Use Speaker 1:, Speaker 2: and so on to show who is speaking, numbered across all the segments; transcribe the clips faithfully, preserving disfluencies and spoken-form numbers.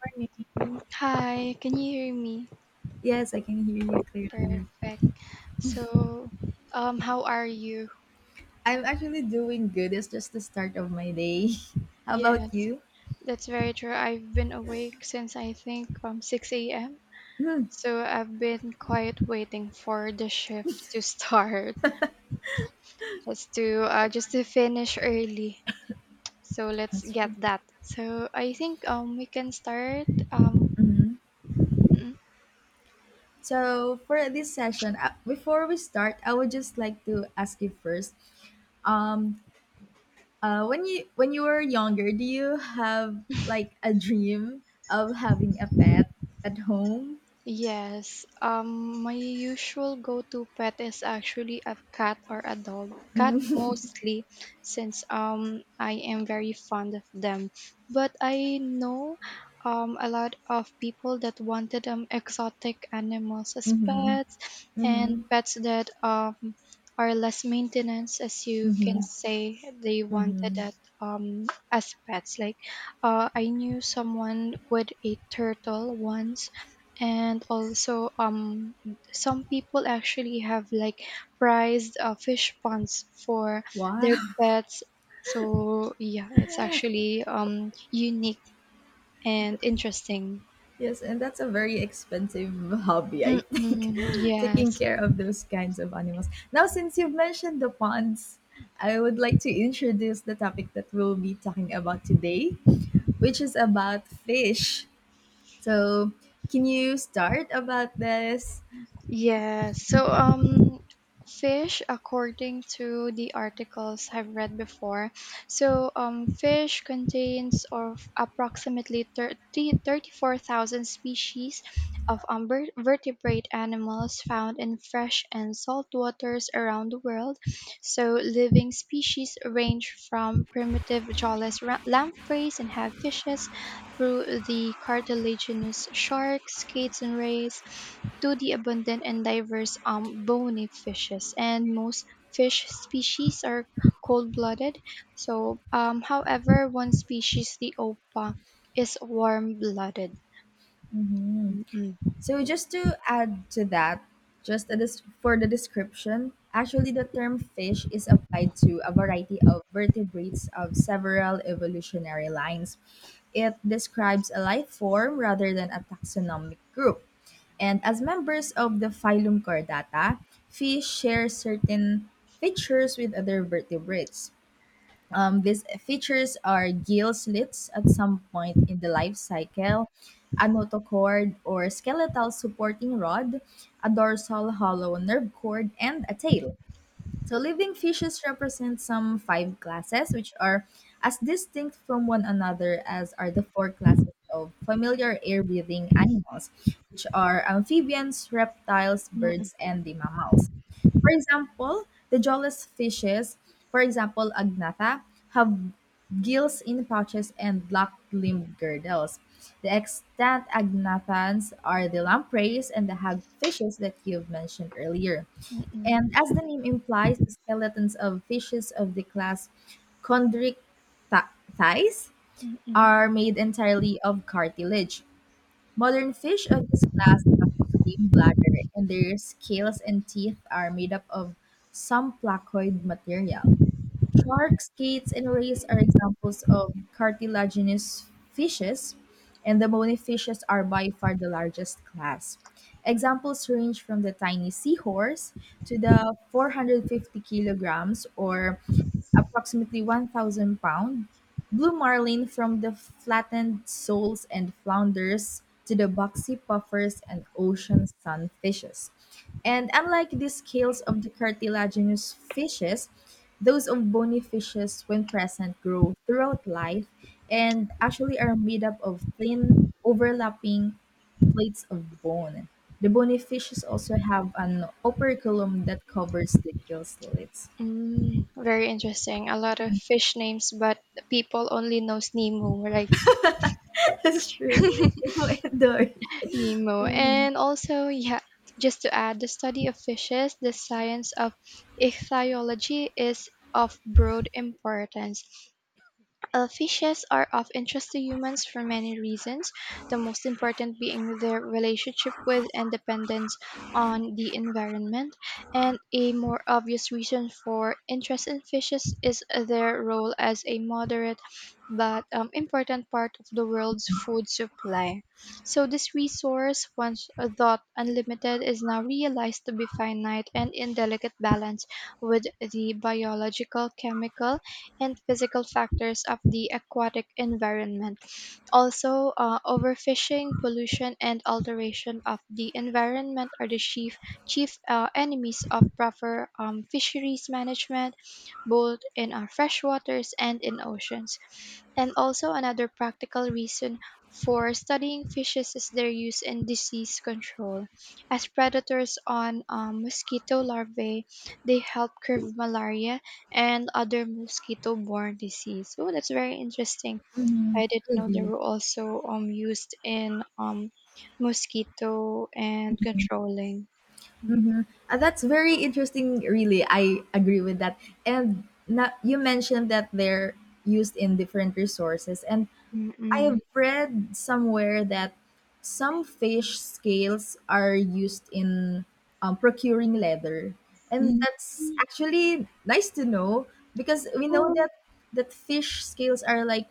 Speaker 1: Morning.
Speaker 2: Hi, can you hear me?
Speaker 1: Yes, I can hear you clearly.
Speaker 2: Perfect. So, um, how are you?
Speaker 1: I'm actually doing good. It's just the start of my day. How about
Speaker 2: Yes,
Speaker 1: you?
Speaker 2: that's very true. I've been awake since I think um six a m.
Speaker 1: Mm.
Speaker 2: So I've been quiet waiting for the shift to start, just to uh, just to finish early. So let's
Speaker 1: That's
Speaker 2: get
Speaker 1: true.
Speaker 2: that. So I think um we can start. Um,
Speaker 1: Hmm. So for this session, uh, before we start, I would just like to ask you first. Um, uh, when you when you were younger, do you have like a dream of having a pet at home?
Speaker 2: Yes, um, my usual go-to pet is actually a cat or a dog. Cat mostly, since um I am very fond of them. But I know um a lot of people that wanted um exotic animals as
Speaker 1: Mm-hmm.
Speaker 2: pets,
Speaker 1: Mm-hmm.
Speaker 2: and pets that um are less maintenance, as you can
Speaker 1: Mm-hmm.
Speaker 2: say they wanted
Speaker 1: Mm-hmm.
Speaker 2: that um as pets, like uh, I knew someone with a turtle once, and also um some people actually have like prized uh, fish ponds for their
Speaker 1: Wow.
Speaker 2: pets. So yeah, it's actually um unique and interesting.
Speaker 1: Yes, and that's a very expensive hobby, I think,
Speaker 2: Mm-mm, yes.
Speaker 1: taking care of those kinds of animals. Now, since you've mentioned the ponds, I would like to introduce the topic that we'll be talking about today, which is about fish. So, can you start about this?
Speaker 2: Yeah, so um fish according to the articles I've read before. So um fish contains of approximately thirty thirty four thousand species of um, ver- vertebrate animals found in fresh and salt waters around the world. So living species range from primitive jawless ra- lampreys and hagfishes, through the cartilaginous sharks, skates, and rays, to the abundant and diverse um, bony fishes. And most fish species are cold-blooded. So, um, however, one species, the opa, is warm-blooded.
Speaker 1: Mhm. So just to add to that, just a dis- for the description, actually the term fish is applied to a variety of vertebrates of several evolutionary lines. It describes a life form rather than a taxonomic group. And as members of the phylum Chordata, fish share certain features with other vertebrates. Um, these features are gill slits at some point in the life cycle, a notochord or skeletal supporting rod, a dorsal hollow nerve cord, and a tail. So living fishes represent some five classes, which are as distinct from one another as are the four classes of familiar air-breathing animals, which are amphibians, reptiles,
Speaker 2: Mm, mm,
Speaker 1: birds, and the mammals. For example, the jawless fishes, for example, agnatha, have gills in pouches and locked limb girdles. The extant agnathans are the lampreys and the hagfishes that you've mentioned earlier. And
Speaker 2: mm,
Speaker 1: as the name implies, the skeletons of fishes of the class chondrichthyes
Speaker 2: mm, mm.
Speaker 1: are made entirely of cartilage. Modern fish of this class lack a swim bladder, and their scales and teeth are made up of some placoid material. Sharks, skates, and rays are examples of cartilaginous fishes, and the bony fishes are by far the largest class. Examples range from the tiny seahorse to the 450 kilograms or approximately one thousand pound, blue marlin from the flattened soles and flounders to the boxy puffers and ocean sunfishes. And unlike the scales of the cartilaginous fishes, those of bony fishes, when present, grow throughout life and actually are made up of thin, overlapping plates of bone. The bony fishes also have an operculum that covers the gill slits.
Speaker 2: Mm. Very interesting. A lot of fish names, but people only knows Nemo, right?
Speaker 1: That's true. If i adore.
Speaker 2: Nemo. And also, yeah, just to add, the study of fishes, the science of ichthyology, is of broad importance. Uh, fishes are of interest to humans for many reasons, the most important being their relationship with and dependence on the environment. And a more obvious reason for interest in fishes is their role as a moderate but um, important part of the world's food supply. So, this resource, once thought unlimited, is now realized to be finite and in delicate balance with the biological, chemical, and physical factors of the aquatic environment. Also, uh, overfishing, pollution, and alteration of the environment are the chief, chief uh, enemies of proper um, fisheries management, both in our freshwaters and in oceans. And also another practical reason for studying fishes is their use in disease control. As predators on um, mosquito larvae, they help curb malaria and other mosquito-borne disease. Oh, that's very interesting.
Speaker 1: Mhm.
Speaker 2: I didn't know they
Speaker 1: Agree.
Speaker 2: were also um used in um mosquito and controlling.
Speaker 1: Mhm. Uh, that's very interesting. Really, I agree with that. And na- you mentioned that they're used in different resources, and I have
Speaker 2: Mm-mm.
Speaker 1: read somewhere that some fish scales are used in um, procuring leather, and
Speaker 2: Mm.
Speaker 1: that's actually nice to know because we know
Speaker 2: Oh,
Speaker 1: that that fish scales are like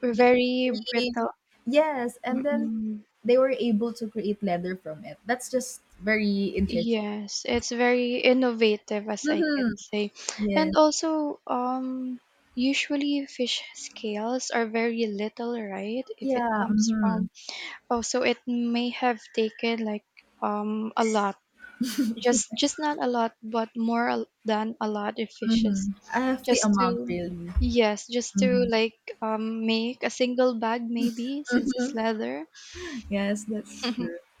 Speaker 2: we're very
Speaker 1: e-
Speaker 2: brittle.
Speaker 1: yes, and then
Speaker 2: Mm-mm.
Speaker 1: they were able to create leather from it. That's just very interesting.
Speaker 2: Yes, it's very innovative, as I
Speaker 1: Mhm.
Speaker 2: can say.
Speaker 1: Yes.
Speaker 2: And also um usually fish scales are very little, right? If it
Speaker 1: Yeah.
Speaker 2: comes from, oh, so it may have taken like um a lot. Just just not a lot, but more a- than a lot of fishes.
Speaker 1: Mhm. I have the
Speaker 2: Just to
Speaker 1: amount really.
Speaker 2: Yes, just to
Speaker 1: Mhm.
Speaker 2: like um make a single bag, maybe, since it's
Speaker 1: Mhm.
Speaker 2: leather.
Speaker 1: Yes, that's true.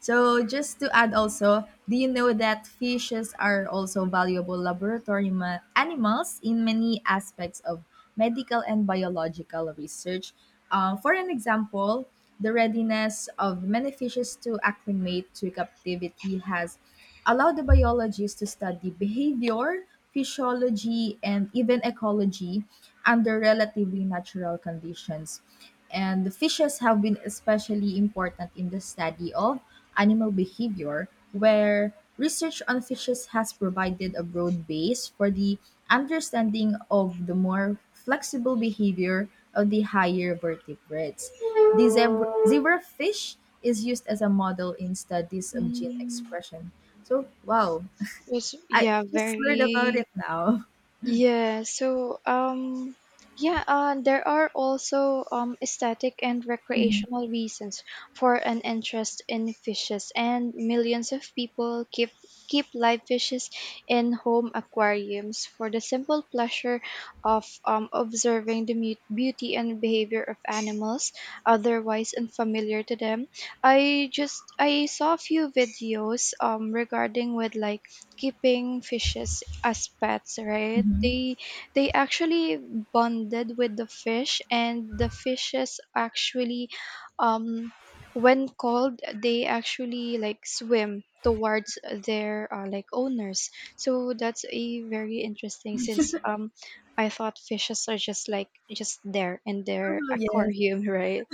Speaker 1: So just to add also, do you know that fishes are also valuable laboratory ma- animals in many aspects of medical and biological research. Uh, for an example, the readiness of many fishes to acclimate to captivity has allowed the biologists to study behavior, physiology, and even ecology under relatively natural conditions. And the fishes have been especially important in the study of animal behavior where research on fishes has provided a broad base for the understanding of the more flexible behavior of the higher vertebrates. The zebra, zebrafish is used as a model in studies of gene
Speaker 2: Mm,
Speaker 1: expression. So, wow,
Speaker 2: it's,
Speaker 1: I
Speaker 2: yeah,
Speaker 1: just heard about
Speaker 2: very.
Speaker 1: it now.
Speaker 2: Yeah, so um yeah, uh, there are also um aesthetic and recreational reasons for an interest in fishes, and millions of people keep keep live fishes in home aquariums for the simple pleasure of um observing the mute beauty and behavior of animals otherwise unfamiliar to them. I just I saw a few videos um regarding with like keeping fishes as pets, right?
Speaker 1: Mhm.
Speaker 2: They they actually bonded with the fish, and the fishes actually, um when cold, they actually like swim towards their uh, like owners. So that's a very interesting, since um I thought fishes are just like just there in their
Speaker 1: Oh, yes.
Speaker 2: aquarium, right?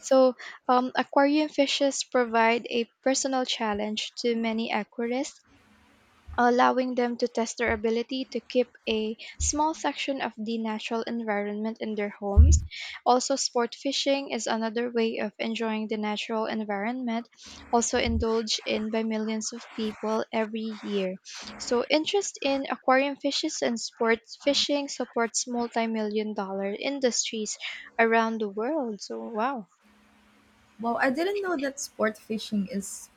Speaker 2: So um, aquarium fishes provide a personal challenge to many aquarists, allowing them to test their ability to keep a small section of the natural environment in their homes. Also, sport fishing is another way of enjoying the natural environment, also indulged in by millions of people every year. So, interest in aquarium fishes and sport fishing supports multi million dollar industries around the world. So, wow.
Speaker 1: Wow! I didn't know that sport fishing is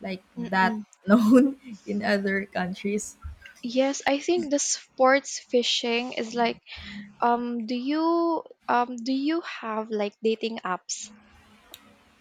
Speaker 1: like that
Speaker 2: Mm-mm.
Speaker 1: known in other countries.
Speaker 2: Yes, I think the sports fishing is like. Um, do you um do you have like dating apps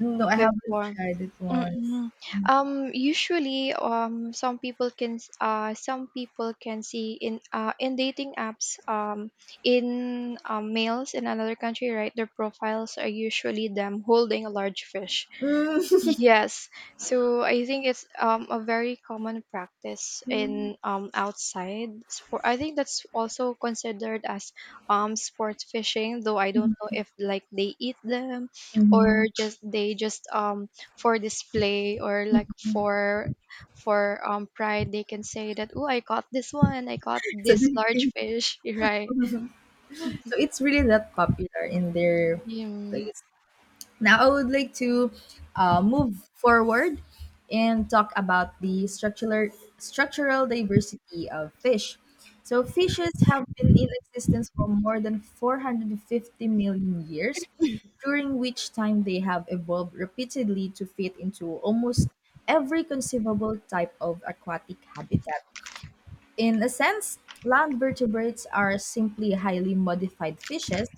Speaker 1: No, I haven't
Speaker 2: before?
Speaker 1: tried it once.
Speaker 2: Mm-mm. Um, usually, um, some people can s- uh some people can see in uh in dating apps, um in um, males in another country, right? Their profiles are usually them holding a large fish.
Speaker 1: Mm.
Speaker 2: Yes. So I think it's um, a very common practice
Speaker 1: Mhm,
Speaker 2: in um, outside sport. I think that's also considered as um, sport fishing, though I don't know if like they eat them,
Speaker 1: mhm,
Speaker 2: or just they just um for display, or like
Speaker 1: mhm.
Speaker 2: for for um pride. They can say that, oh, I caught this one, I caught
Speaker 1: So
Speaker 2: this
Speaker 1: they
Speaker 2: large
Speaker 1: think-
Speaker 2: fish, right?
Speaker 1: so it's really that popular in their
Speaker 2: Mm,
Speaker 1: place. Now I would like to uh, move forward and talk about the structural structural diversity of fish. So fishes have been in existence for more than four hundred fifty million years, during which time they have evolved repeatedly to fit into almost every conceivable type of aquatic habitat. In a sense, land vertebrates are simply highly modified fishes.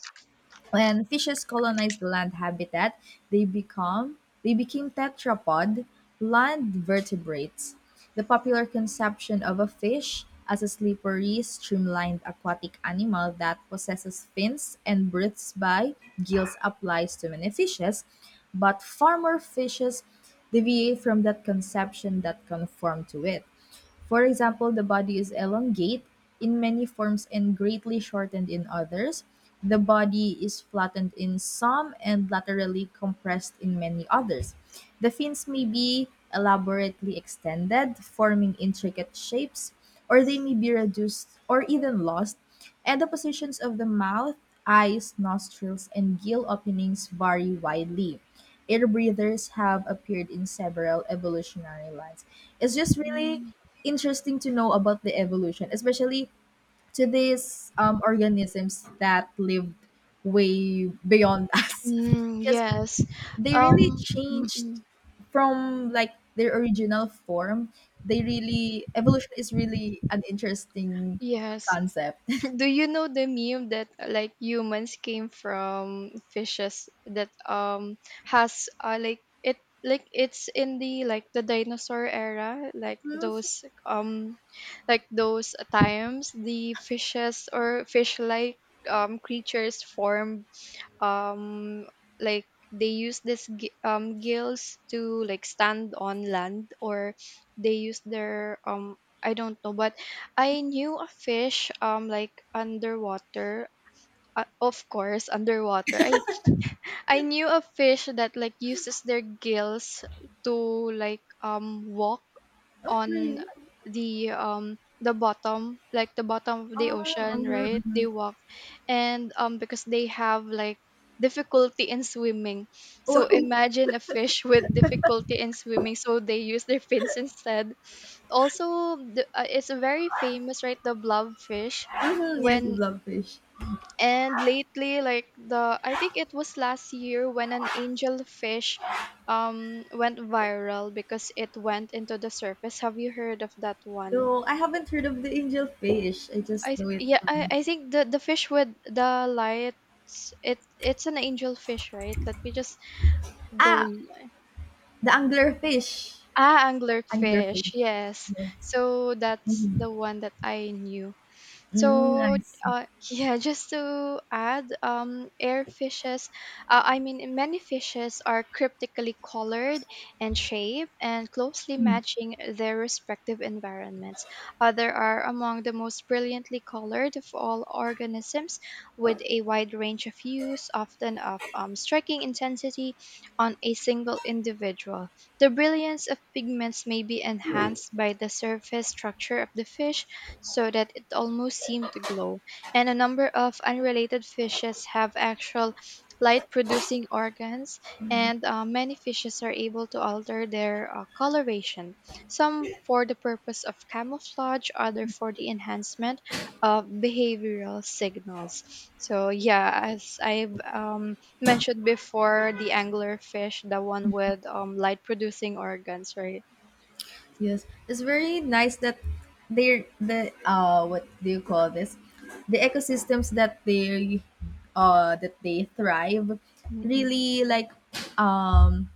Speaker 1: When fishes colonize the land habitat, they become they became tetrapod land vertebrates. The popular conception of a fish as a slippery, streamlined aquatic animal that possesses fins and breathes by gills applies to many fishes, but farmer fishes deviate from that conception that conform to it. For example, the body is elongate in many forms and greatly shortened in others. The body is flattened in some and laterally compressed in many others. The fins may be elaborately extended, forming intricate shapes, or they may be reduced or even lost and the positions of the mouth, eyes, nostrils, and gill openings vary widely. Air breathers have appeared in several evolutionary lines. It's just really
Speaker 2: mm,
Speaker 1: interesting to know about the evolution, especially to these um, organisms that lived way beyond us,
Speaker 2: mm,
Speaker 1: because
Speaker 2: yes.
Speaker 1: they really
Speaker 2: Um, mm,
Speaker 1: changed
Speaker 2: mm.
Speaker 1: from like their original form. They really Evolution is really an interesting
Speaker 2: Yes.
Speaker 1: concept.
Speaker 2: Do you know the meme that uh, like humans came from fishes, that um has, uh, like it like it's in the like the dinosaur era, like those um like those times the fishes or fish like um creatures formed, um like they use this gi- um gills to like stand on land, or they use their um I don't know, but I knew a fish um like underwater, uh, of course underwater, I I knew a fish that like uses their gills to like um walk
Speaker 1: Oh,
Speaker 2: on
Speaker 1: really?
Speaker 2: the um the bottom, like the bottom of the
Speaker 1: Uh,
Speaker 2: ocean,
Speaker 1: mhm,
Speaker 2: right? They
Speaker 1: mhm.
Speaker 2: walk, and um because they have like difficulty in swimming, so
Speaker 1: Wow.
Speaker 2: imagine a fish with difficulty in swimming, so they use their fins instead. Also the, uh, it's very famous, right? The blobfish.
Speaker 1: Mhm, yes,
Speaker 2: When
Speaker 1: love fish.
Speaker 2: and Lately, like, the I think it was last year when an angelfish um went viral because it went into the surface. Have you heard of that one?
Speaker 1: Though I haven't heard of the angel fish. I
Speaker 2: I
Speaker 1: just
Speaker 2: th-
Speaker 1: know it
Speaker 2: yeah I,
Speaker 1: from
Speaker 2: I think the the fish with the lights, it it's an angel fish, right? Let me just go
Speaker 1: ah
Speaker 2: l-
Speaker 1: the angler fish.
Speaker 2: ah
Speaker 1: Angler
Speaker 2: anglerfish,
Speaker 1: fish.
Speaker 2: yes.
Speaker 1: Yes.
Speaker 2: So that's
Speaker 1: Mm-hmm.
Speaker 2: the one that I knew.
Speaker 1: Mm,
Speaker 2: So
Speaker 1: I see.
Speaker 2: uh, yeah, just to add, um, air fishes, uh, I mean many fishes are cryptically colored and shaped and closely
Speaker 1: Mm.
Speaker 2: matching their respective environments. Other are among the most brilliantly colored of all organisms, with a wide range of hues, often of um, striking intensity on a single individual. The brilliance of pigments may be enhanced by the surface structure of the fish so that it almost seemed to glow, and a number of unrelated fishes have actual light producing organs, and uh, many fishes are able to alter their uh, coloration, some for the purpose of camouflage, other for the enhancement of behavioral signals. So, yeah, as I've um, mentioned before, the angler fish, the one with um, light producing organs, right?
Speaker 1: Yes, it's very nice that they're the uh what do you call this? The ecosystems that they uh that they thrive
Speaker 2: Mm-mm.
Speaker 1: really like um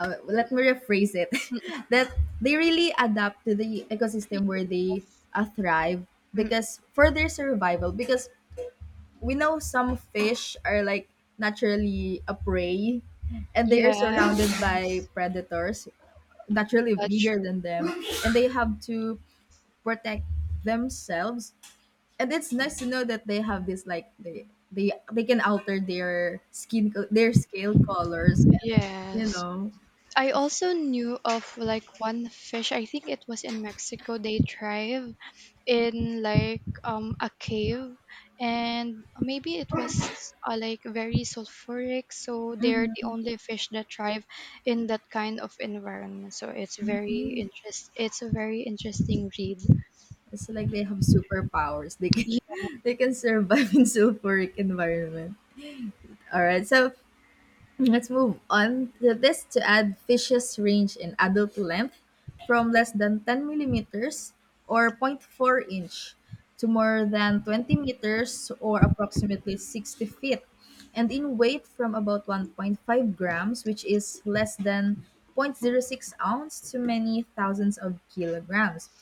Speaker 1: uh, let me rephrase it
Speaker 2: Mm-mm.
Speaker 1: that they really adapt to the ecosystem where they uh, thrive
Speaker 2: Yes.
Speaker 1: because for their survival because we know some fish are like naturally a prey and they are surrounded by
Speaker 2: Yes,
Speaker 1: predators naturally
Speaker 2: that's
Speaker 1: bigger
Speaker 2: true.
Speaker 1: than them and they have to protect themselves and it's nice to know that they have this like they they they can alter their skin co- their scale colors and you
Speaker 2: Yes.
Speaker 1: know.
Speaker 2: I also knew of, like, one fish, I think it was in Mexico. They thrive in like um a cave, and maybe it was uh, like very sulfuric, so they're the only fish that thrive in that kind of environment. So it's very interest it's a very interesting read.
Speaker 1: It's like they have superpowers. They can
Speaker 2: Yeah.
Speaker 1: they can survive in sulfuric environment. All right, so let's move on to this to add fish's range in adult length from less than ten millimeters or point 0.4 inch to more than twenty meters or approximately sixty feet and in weight from about one point five grams which is less than zero point zero 0.06 ounce to many thousands of kilograms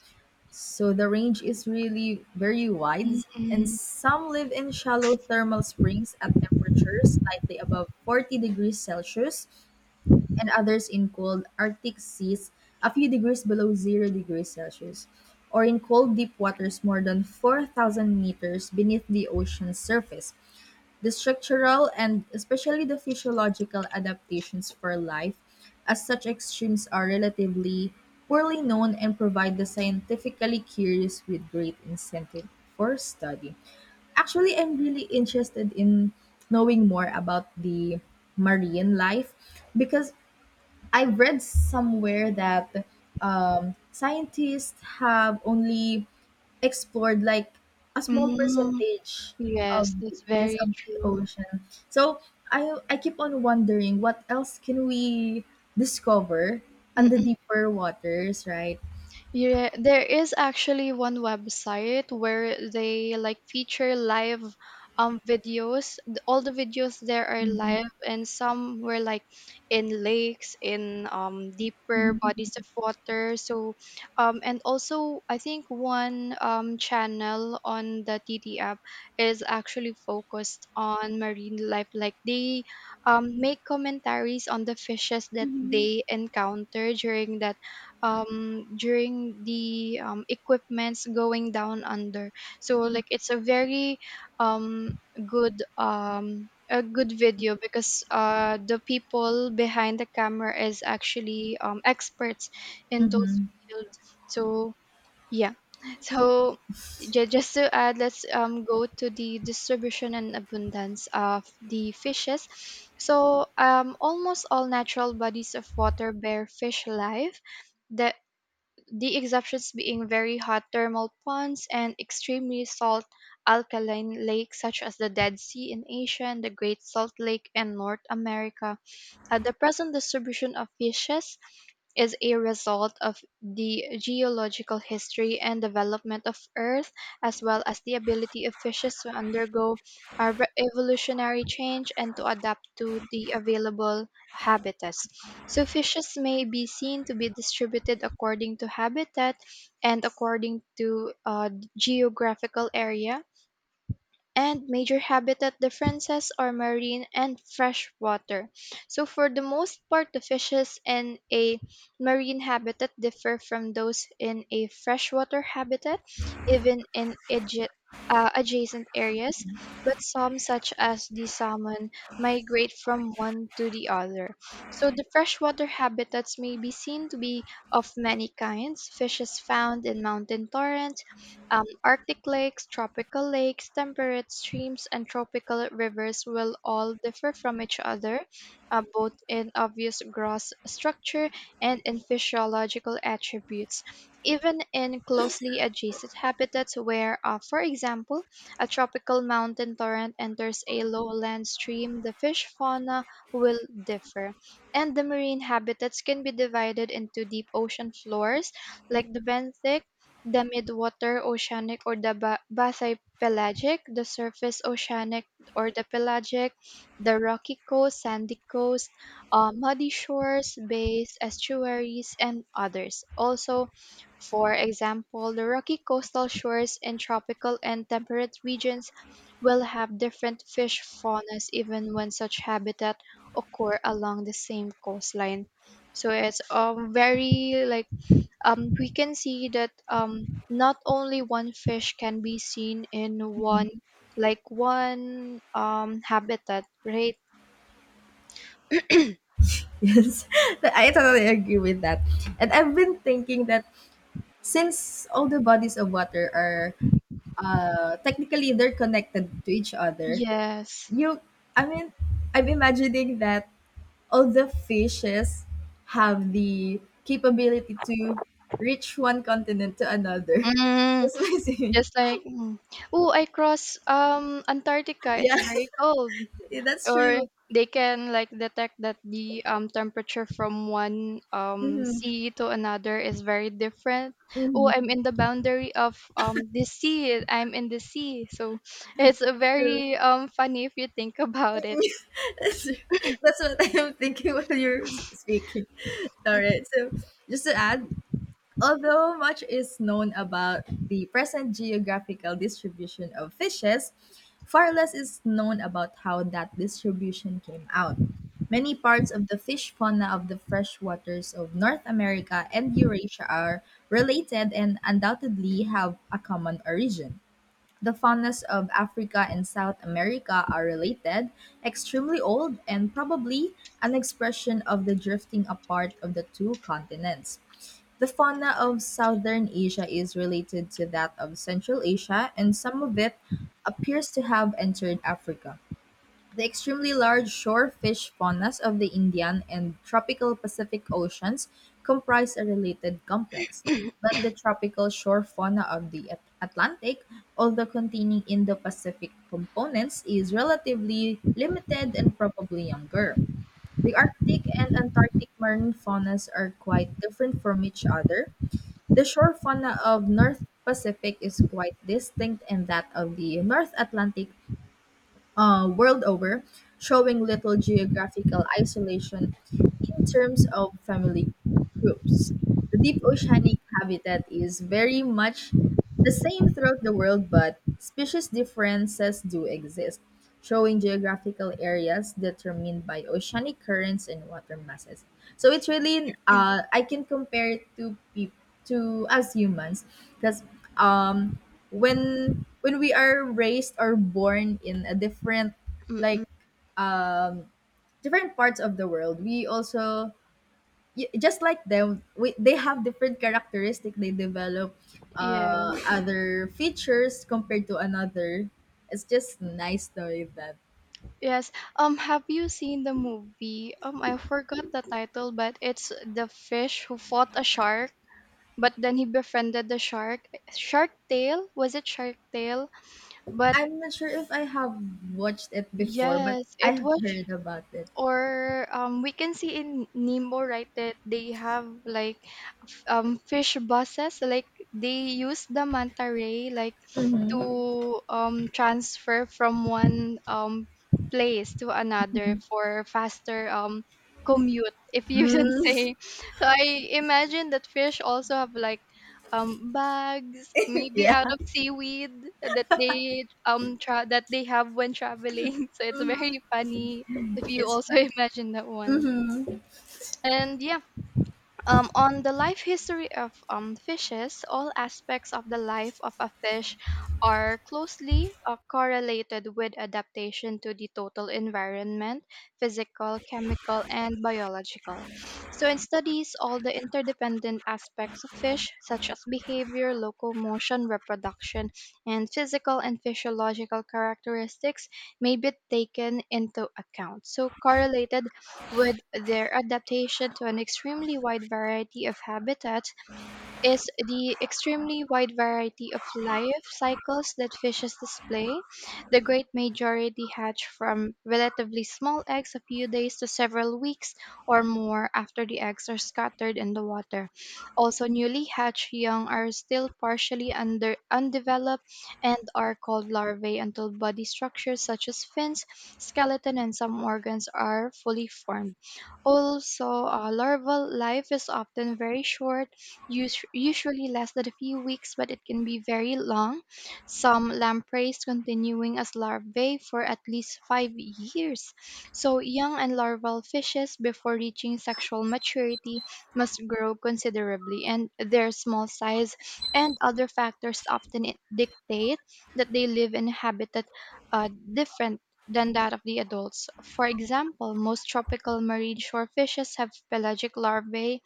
Speaker 1: so the range is really very wide, and
Speaker 2: Mm-mm.
Speaker 1: some live in shallow thermal springs at temperatures slightly above forty degrees Celsius, and others in cold Arctic seas a few degrees below zero degrees Celsius, or in cold deep waters more than four thousand meters beneath the ocean's surface. The structural and especially the physiological adaptations for life as such extremes are relatively poorly known and provide the scientifically curious with great incentive for study. Actually, I'm really interested in knowing more about the marine life because I read somewhere that um, scientists have only explored like a small
Speaker 2: Mm,
Speaker 1: percentage of
Speaker 2: yes, that's
Speaker 1: yes
Speaker 2: very
Speaker 1: of the ocean. So I I keep on wondering what else can we discover on the
Speaker 2: true.
Speaker 1: deeper waters, right?
Speaker 2: Yeah, there is actually one website where they like feature live um videos. Th- All the videos there are live, and some were like in lakes, in um deeper bodies of water. So um and also I think one um channel on the T T app is actually focused on marine life. Like they um make commentaries on the fishes that
Speaker 1: Hmm.
Speaker 2: they encounter during that um during the um equipments going down under. So like it's a very um good um a good video, because uh the people behind the camera is actually um experts in those
Speaker 1: Mm-hmm.
Speaker 2: fields. So yeah. So ju- just to add, let's um go to the distribution and abundance of the fishes. So um almost all natural bodies of water bear fish life. The the exceptions being very hot thermal ponds and extremely salt alkaline lakes, such as the Dead Sea in Asia and the Great Salt Lake in North America. At the present, distribution of fishes is a result of the geological history and development of Earth, as well as the ability of fishes to undergo uh, re- evolutionary change and to adapt to the available habitats. So, fishes may be seen to be distributed according to habitat and according to uh, geographical area, and major habitat differences are marine and freshwater. So for the most part, the fishes in a marine habitat differ from those in a freshwater habitat, even in adja- uh, adjacent areas, but some, such as the salmon, migrate from one to the other. So the freshwater habitats may be seen to be of many kinds. Fishes found in mountain torrents, um, Arctic lakes, tropical lakes, temperate streams, and tropical rivers will all differ from each other, uh, both in obvious gross structure and in physiological attributes. Even in closely adjacent habitats, where, uh, for example, a tropical mountain torrent enters a lowland stream, the fish fauna will differ. And the marine habitats can be divided into deep ocean floors, like the benthic, the midwater oceanic, or the ba- bathypelagic, the surface oceanic or the pelagic, the rocky coast, sandy coast, uh, muddy shores, bays, estuaries, and others. Also, for example, the rocky coastal shores in tropical and temperate regions will have different fish faunas even when such habitat occur along the same coastline. So it's um, very like um, we can see that um, not only one fish can be seen in one like one um, habitat, right?
Speaker 1: Yes, I totally agree with that. And I've been thinking that since all the bodies of water are uh, technically they're connected to each other.
Speaker 2: Yes.
Speaker 1: You, I mean, I'm imagining that all the fishes have the capability to reach one continent to another.
Speaker 2: Mm,
Speaker 1: That's what I say.
Speaker 2: just like mm. Oh, I cross um, Antarctica, it's
Speaker 1: Yeah,
Speaker 2: very cold.
Speaker 1: that's
Speaker 2: Or
Speaker 1: true.
Speaker 2: they can like detect that the um, temperature from one um,
Speaker 1: Mm-hmm.
Speaker 2: sea to another is very different. Oh,
Speaker 1: Mm-hmm.
Speaker 2: I'm in the boundary of um, the sea, I'm in the sea, so it's a
Speaker 1: True.
Speaker 2: very um, funny if you think about it.
Speaker 1: that's, that's what I am thinking while you're s- speaking. All right. So, just to add, although much is known about the present geographical distribution of fishes, far less is known about how that distribution came out. Many parts of the fish fauna of the freshwaters of North America and Eurasia are related and undoubtedly have a common origin. The faunas of Africa and South America are related, extremely old, and probably an expression of the drifting apart of the two continents. The fauna of southern Asia is related to that of Central Asia, and some of it appears to have entered Africa. The extremely large shore fish faunas of the Indian and tropical Pacific Oceans comprise a related complex, but the tropical shore fauna of the At- Atlantic, although containing Indo-Pacific components, is relatively limited and probably younger. The Arctic and Antarctic marine faunas are quite different from each other. The shore fauna of North Pacific is quite distinct and that of the North Atlantic uh, world over, showing little geographical isolation in terms of family groups. The deep oceanic habitat is very much the same throughout the world, but species differences do exist, showing geographical areas determined by oceanic currents and water masses. So it's really uh, I can compare it to peop- to as humans because um when when we are raised or born in a different
Speaker 2: Mm-mm.
Speaker 1: like um different parts of the world we also y- just like them we, they have different characteristic they develop uh
Speaker 2: yes
Speaker 1: other features compared to another it's just nice knowing that.
Speaker 2: yes um Have you seen the movie, um I forgot the title, but it's the fish who fought a shark, but then he befriended the shark? Shark Tale, was it Shark Tale? But
Speaker 1: I'm not sure if i have watched it before but
Speaker 2: yes,
Speaker 1: i
Speaker 2: it
Speaker 1: have
Speaker 2: was.
Speaker 1: heard about it.
Speaker 2: Or um, we can see in Nemo, right, that they have like f- um fish buses, like they use the manta ray like to um transfer from one um place to another for faster um commute, if you can say. So I imagine that fish also have like um bags maybe out
Speaker 1: Yeah.
Speaker 2: of seaweed that they um tra- that they have when traveling, so it's very funny if you
Speaker 1: It's
Speaker 2: also
Speaker 1: fun.
Speaker 2: imagine that one.
Speaker 1: Hmm.
Speaker 2: And yeah, um, on the life history of um, fishes, all aspects of the life of a fish are closely uh, correlated with adaptation to the total environment, physical, chemical, and biological. So, in studies, all the interdependent aspects of fish, such as behavior, locomotion, reproduction, and physical and physiological characteristics, may be taken into account. So, correlated with their adaptation to an extremely wide variety of habitats, is the extremely wide variety of life cycles that fishes display. The great majority hatch from relatively small eggs a few days to several weeks or more after the eggs are scattered in the water. Also, newly hatched young are still partially under, undeveloped and are called larvae until body structures such as fins, skeleton, and some organs are fully formed. Also, uh, larval life is often very short, us- usually lasted a few weeks, but it can be very long. Some lampreys continuing as larvae for at least five years. So, young and larval fishes, before reaching sexual maturity, must grow considerably, and their small size and other factors often i- dictate that they live in a habitat uh, different than that of the adults. For example, most tropical marine shore fishes have pelagic larvae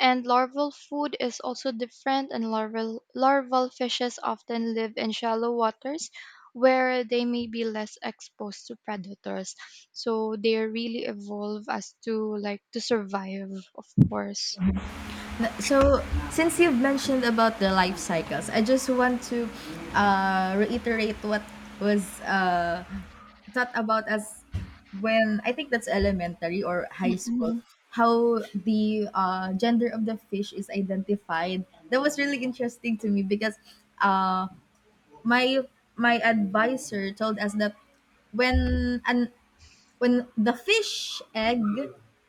Speaker 2: and larval food is also different, and larval, larval fishes often live in shallow waters where they may be less exposed to predators. So they really evolve as to like to survive, of course.
Speaker 1: So, since you've mentioned about the life cycles, I just want to uh, reiterate what was uh, taught about us when I think that's elementary or high school.
Speaker 2: Mm-mm.
Speaker 1: How the uh, gender of the fish is identified. That was really interesting to me because uh, my my advisor told us that when an when the fish egg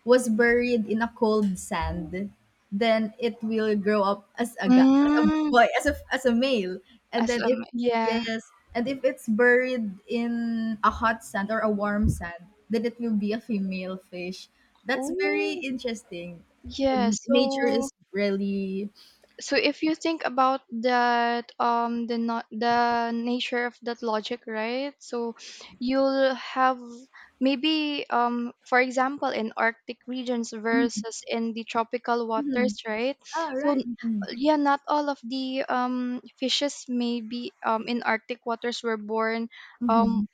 Speaker 1: was buried in a cold sand, then it will grow up as a gu- as a
Speaker 2: Mm,
Speaker 1: boy, as a as a male. And
Speaker 2: as
Speaker 1: then
Speaker 2: um,
Speaker 1: if
Speaker 2: yeah.
Speaker 1: yes, and if it's buried in a hot sand or a warm sand, then it will be a female fish. That's very
Speaker 2: Oh,
Speaker 1: interesting.
Speaker 2: yeah.
Speaker 1: And nature
Speaker 2: So
Speaker 1: is really
Speaker 2: so if you think about that, um the not the nature of that logic, right? So you'll have maybe um for example in Arctic regions
Speaker 1: Mhm,
Speaker 2: versus in the tropical
Speaker 1: mhm.
Speaker 2: waters, right?
Speaker 1: Ah,
Speaker 2: so
Speaker 1: right.
Speaker 2: n-
Speaker 1: Mhm,
Speaker 2: yeah, not all of the um fishes maybe um in Arctic waters were born. um
Speaker 1: mhm.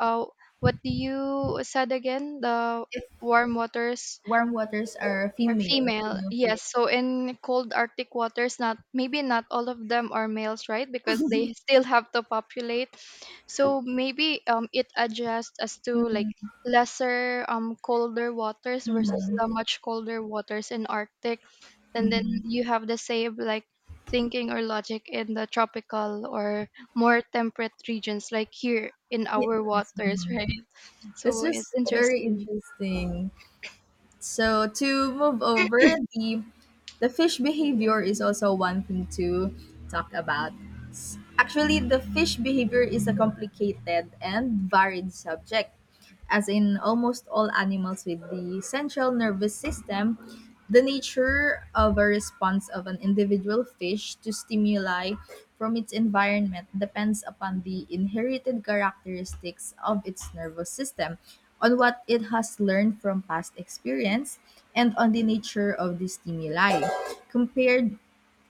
Speaker 2: uh, what do you said again, the
Speaker 1: If
Speaker 2: warm waters
Speaker 1: warm waters are
Speaker 2: are
Speaker 1: female,
Speaker 2: female.
Speaker 1: female fish.
Speaker 2: Yes. So in cold Arctic waters, not maybe not all of them are males, right? Because they still have to populate. So maybe um it adjusts as to like
Speaker 1: Mhm,
Speaker 2: lesser um colder waters versus the
Speaker 1: mhm,
Speaker 2: much colder waters in Arctic. And then
Speaker 1: mhm.
Speaker 2: you have the same like thinking or logic in the tropical or more temperate regions like here in
Speaker 1: Ye-
Speaker 2: our
Speaker 1: Yes,
Speaker 2: waters,
Speaker 1: ma'am.
Speaker 2: right?
Speaker 1: That's
Speaker 2: So
Speaker 1: just
Speaker 2: it's
Speaker 1: very
Speaker 2: interesting.
Speaker 1: interesting. So to move over, the the fish behavior is also one thing to talk about. S- Actually, the fish behavior is a complicated and varied subject. As in almost all animals with the central nervous system, the nature of a response of an individual fish to stimuli from its environment depends upon the inherited characteristics of its nervous system, on what it has learned from past experience, and on the nature of the stimuli. Compared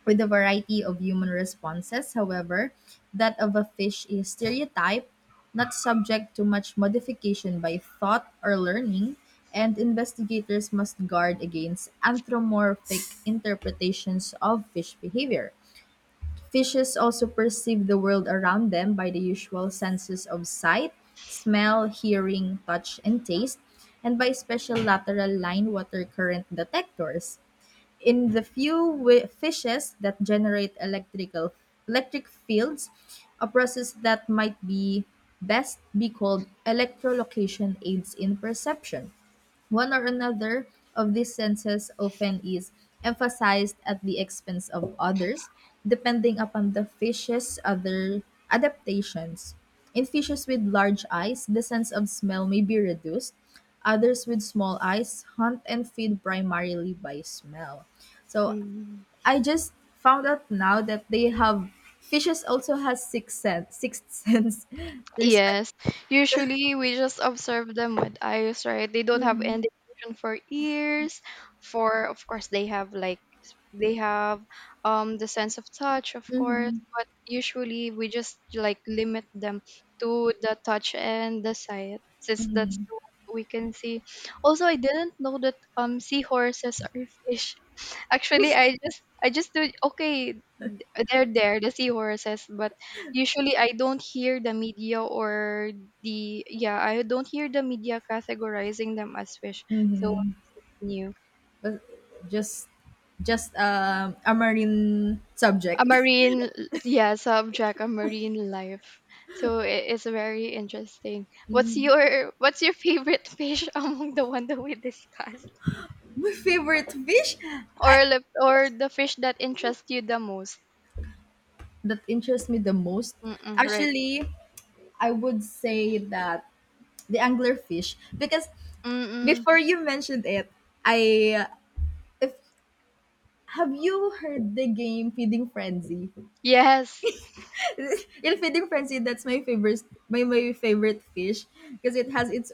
Speaker 1: with a variety of human responses, however, that of a fish is stereotyped, not subject to much modification by thought or learning, and investigators must guard against anthropomorphic interpretations of fish behavior. Fishes also perceive the world around them by the usual senses of sight, smell, hearing, touch, and taste, and by special lateral line water current detectors in the few wi- fishes that generate electrical electric fields, a process that might be best be called electrolocation aids in perception. One or another of these senses often is emphasized at the expense of others, depending upon the fish's other adaptations. In fishes with large eyes, the sense of smell may be reduced. Others with small eyes hunt and feed primarily by smell. So
Speaker 2: Mm.
Speaker 1: I just found out now that they have fishes also has six sense, sixth sense. There's
Speaker 2: Yes. Usually we just observe them with eyes, right? They don't have
Speaker 1: mm-hmm.
Speaker 2: indication for ears, for of course they have like s- they have um the sense of touch, of course, but usually we just like limit them to the touch and the sight since that's the one that we can see. Also, I didn't know that um seahorses are fish. Actually, I just I just do, okay. They're there, the seahorses, but usually I don't hear the media or the yeah, I don't hear the media categorizing them as fish. So this is new.
Speaker 1: But just just um, a marine
Speaker 2: A
Speaker 1: subject.
Speaker 2: marine, l- yeah, subject, a marine life. So it is very interesting. What's your what's your favorite fish among the one that we discussed,
Speaker 1: My favorite fish I
Speaker 2: or the- or the fish that interest you the most?
Speaker 1: that interests me the most,
Speaker 2: Mm-mm, right.
Speaker 1: actually I would say that the anglerfish because
Speaker 2: Mm-mm.
Speaker 1: before you mentioned it, I if have you heard the game Feeding Frenzy?
Speaker 2: Yes.
Speaker 1: In Feeding Frenzy, that's my favorite my, my favorite fish because it has its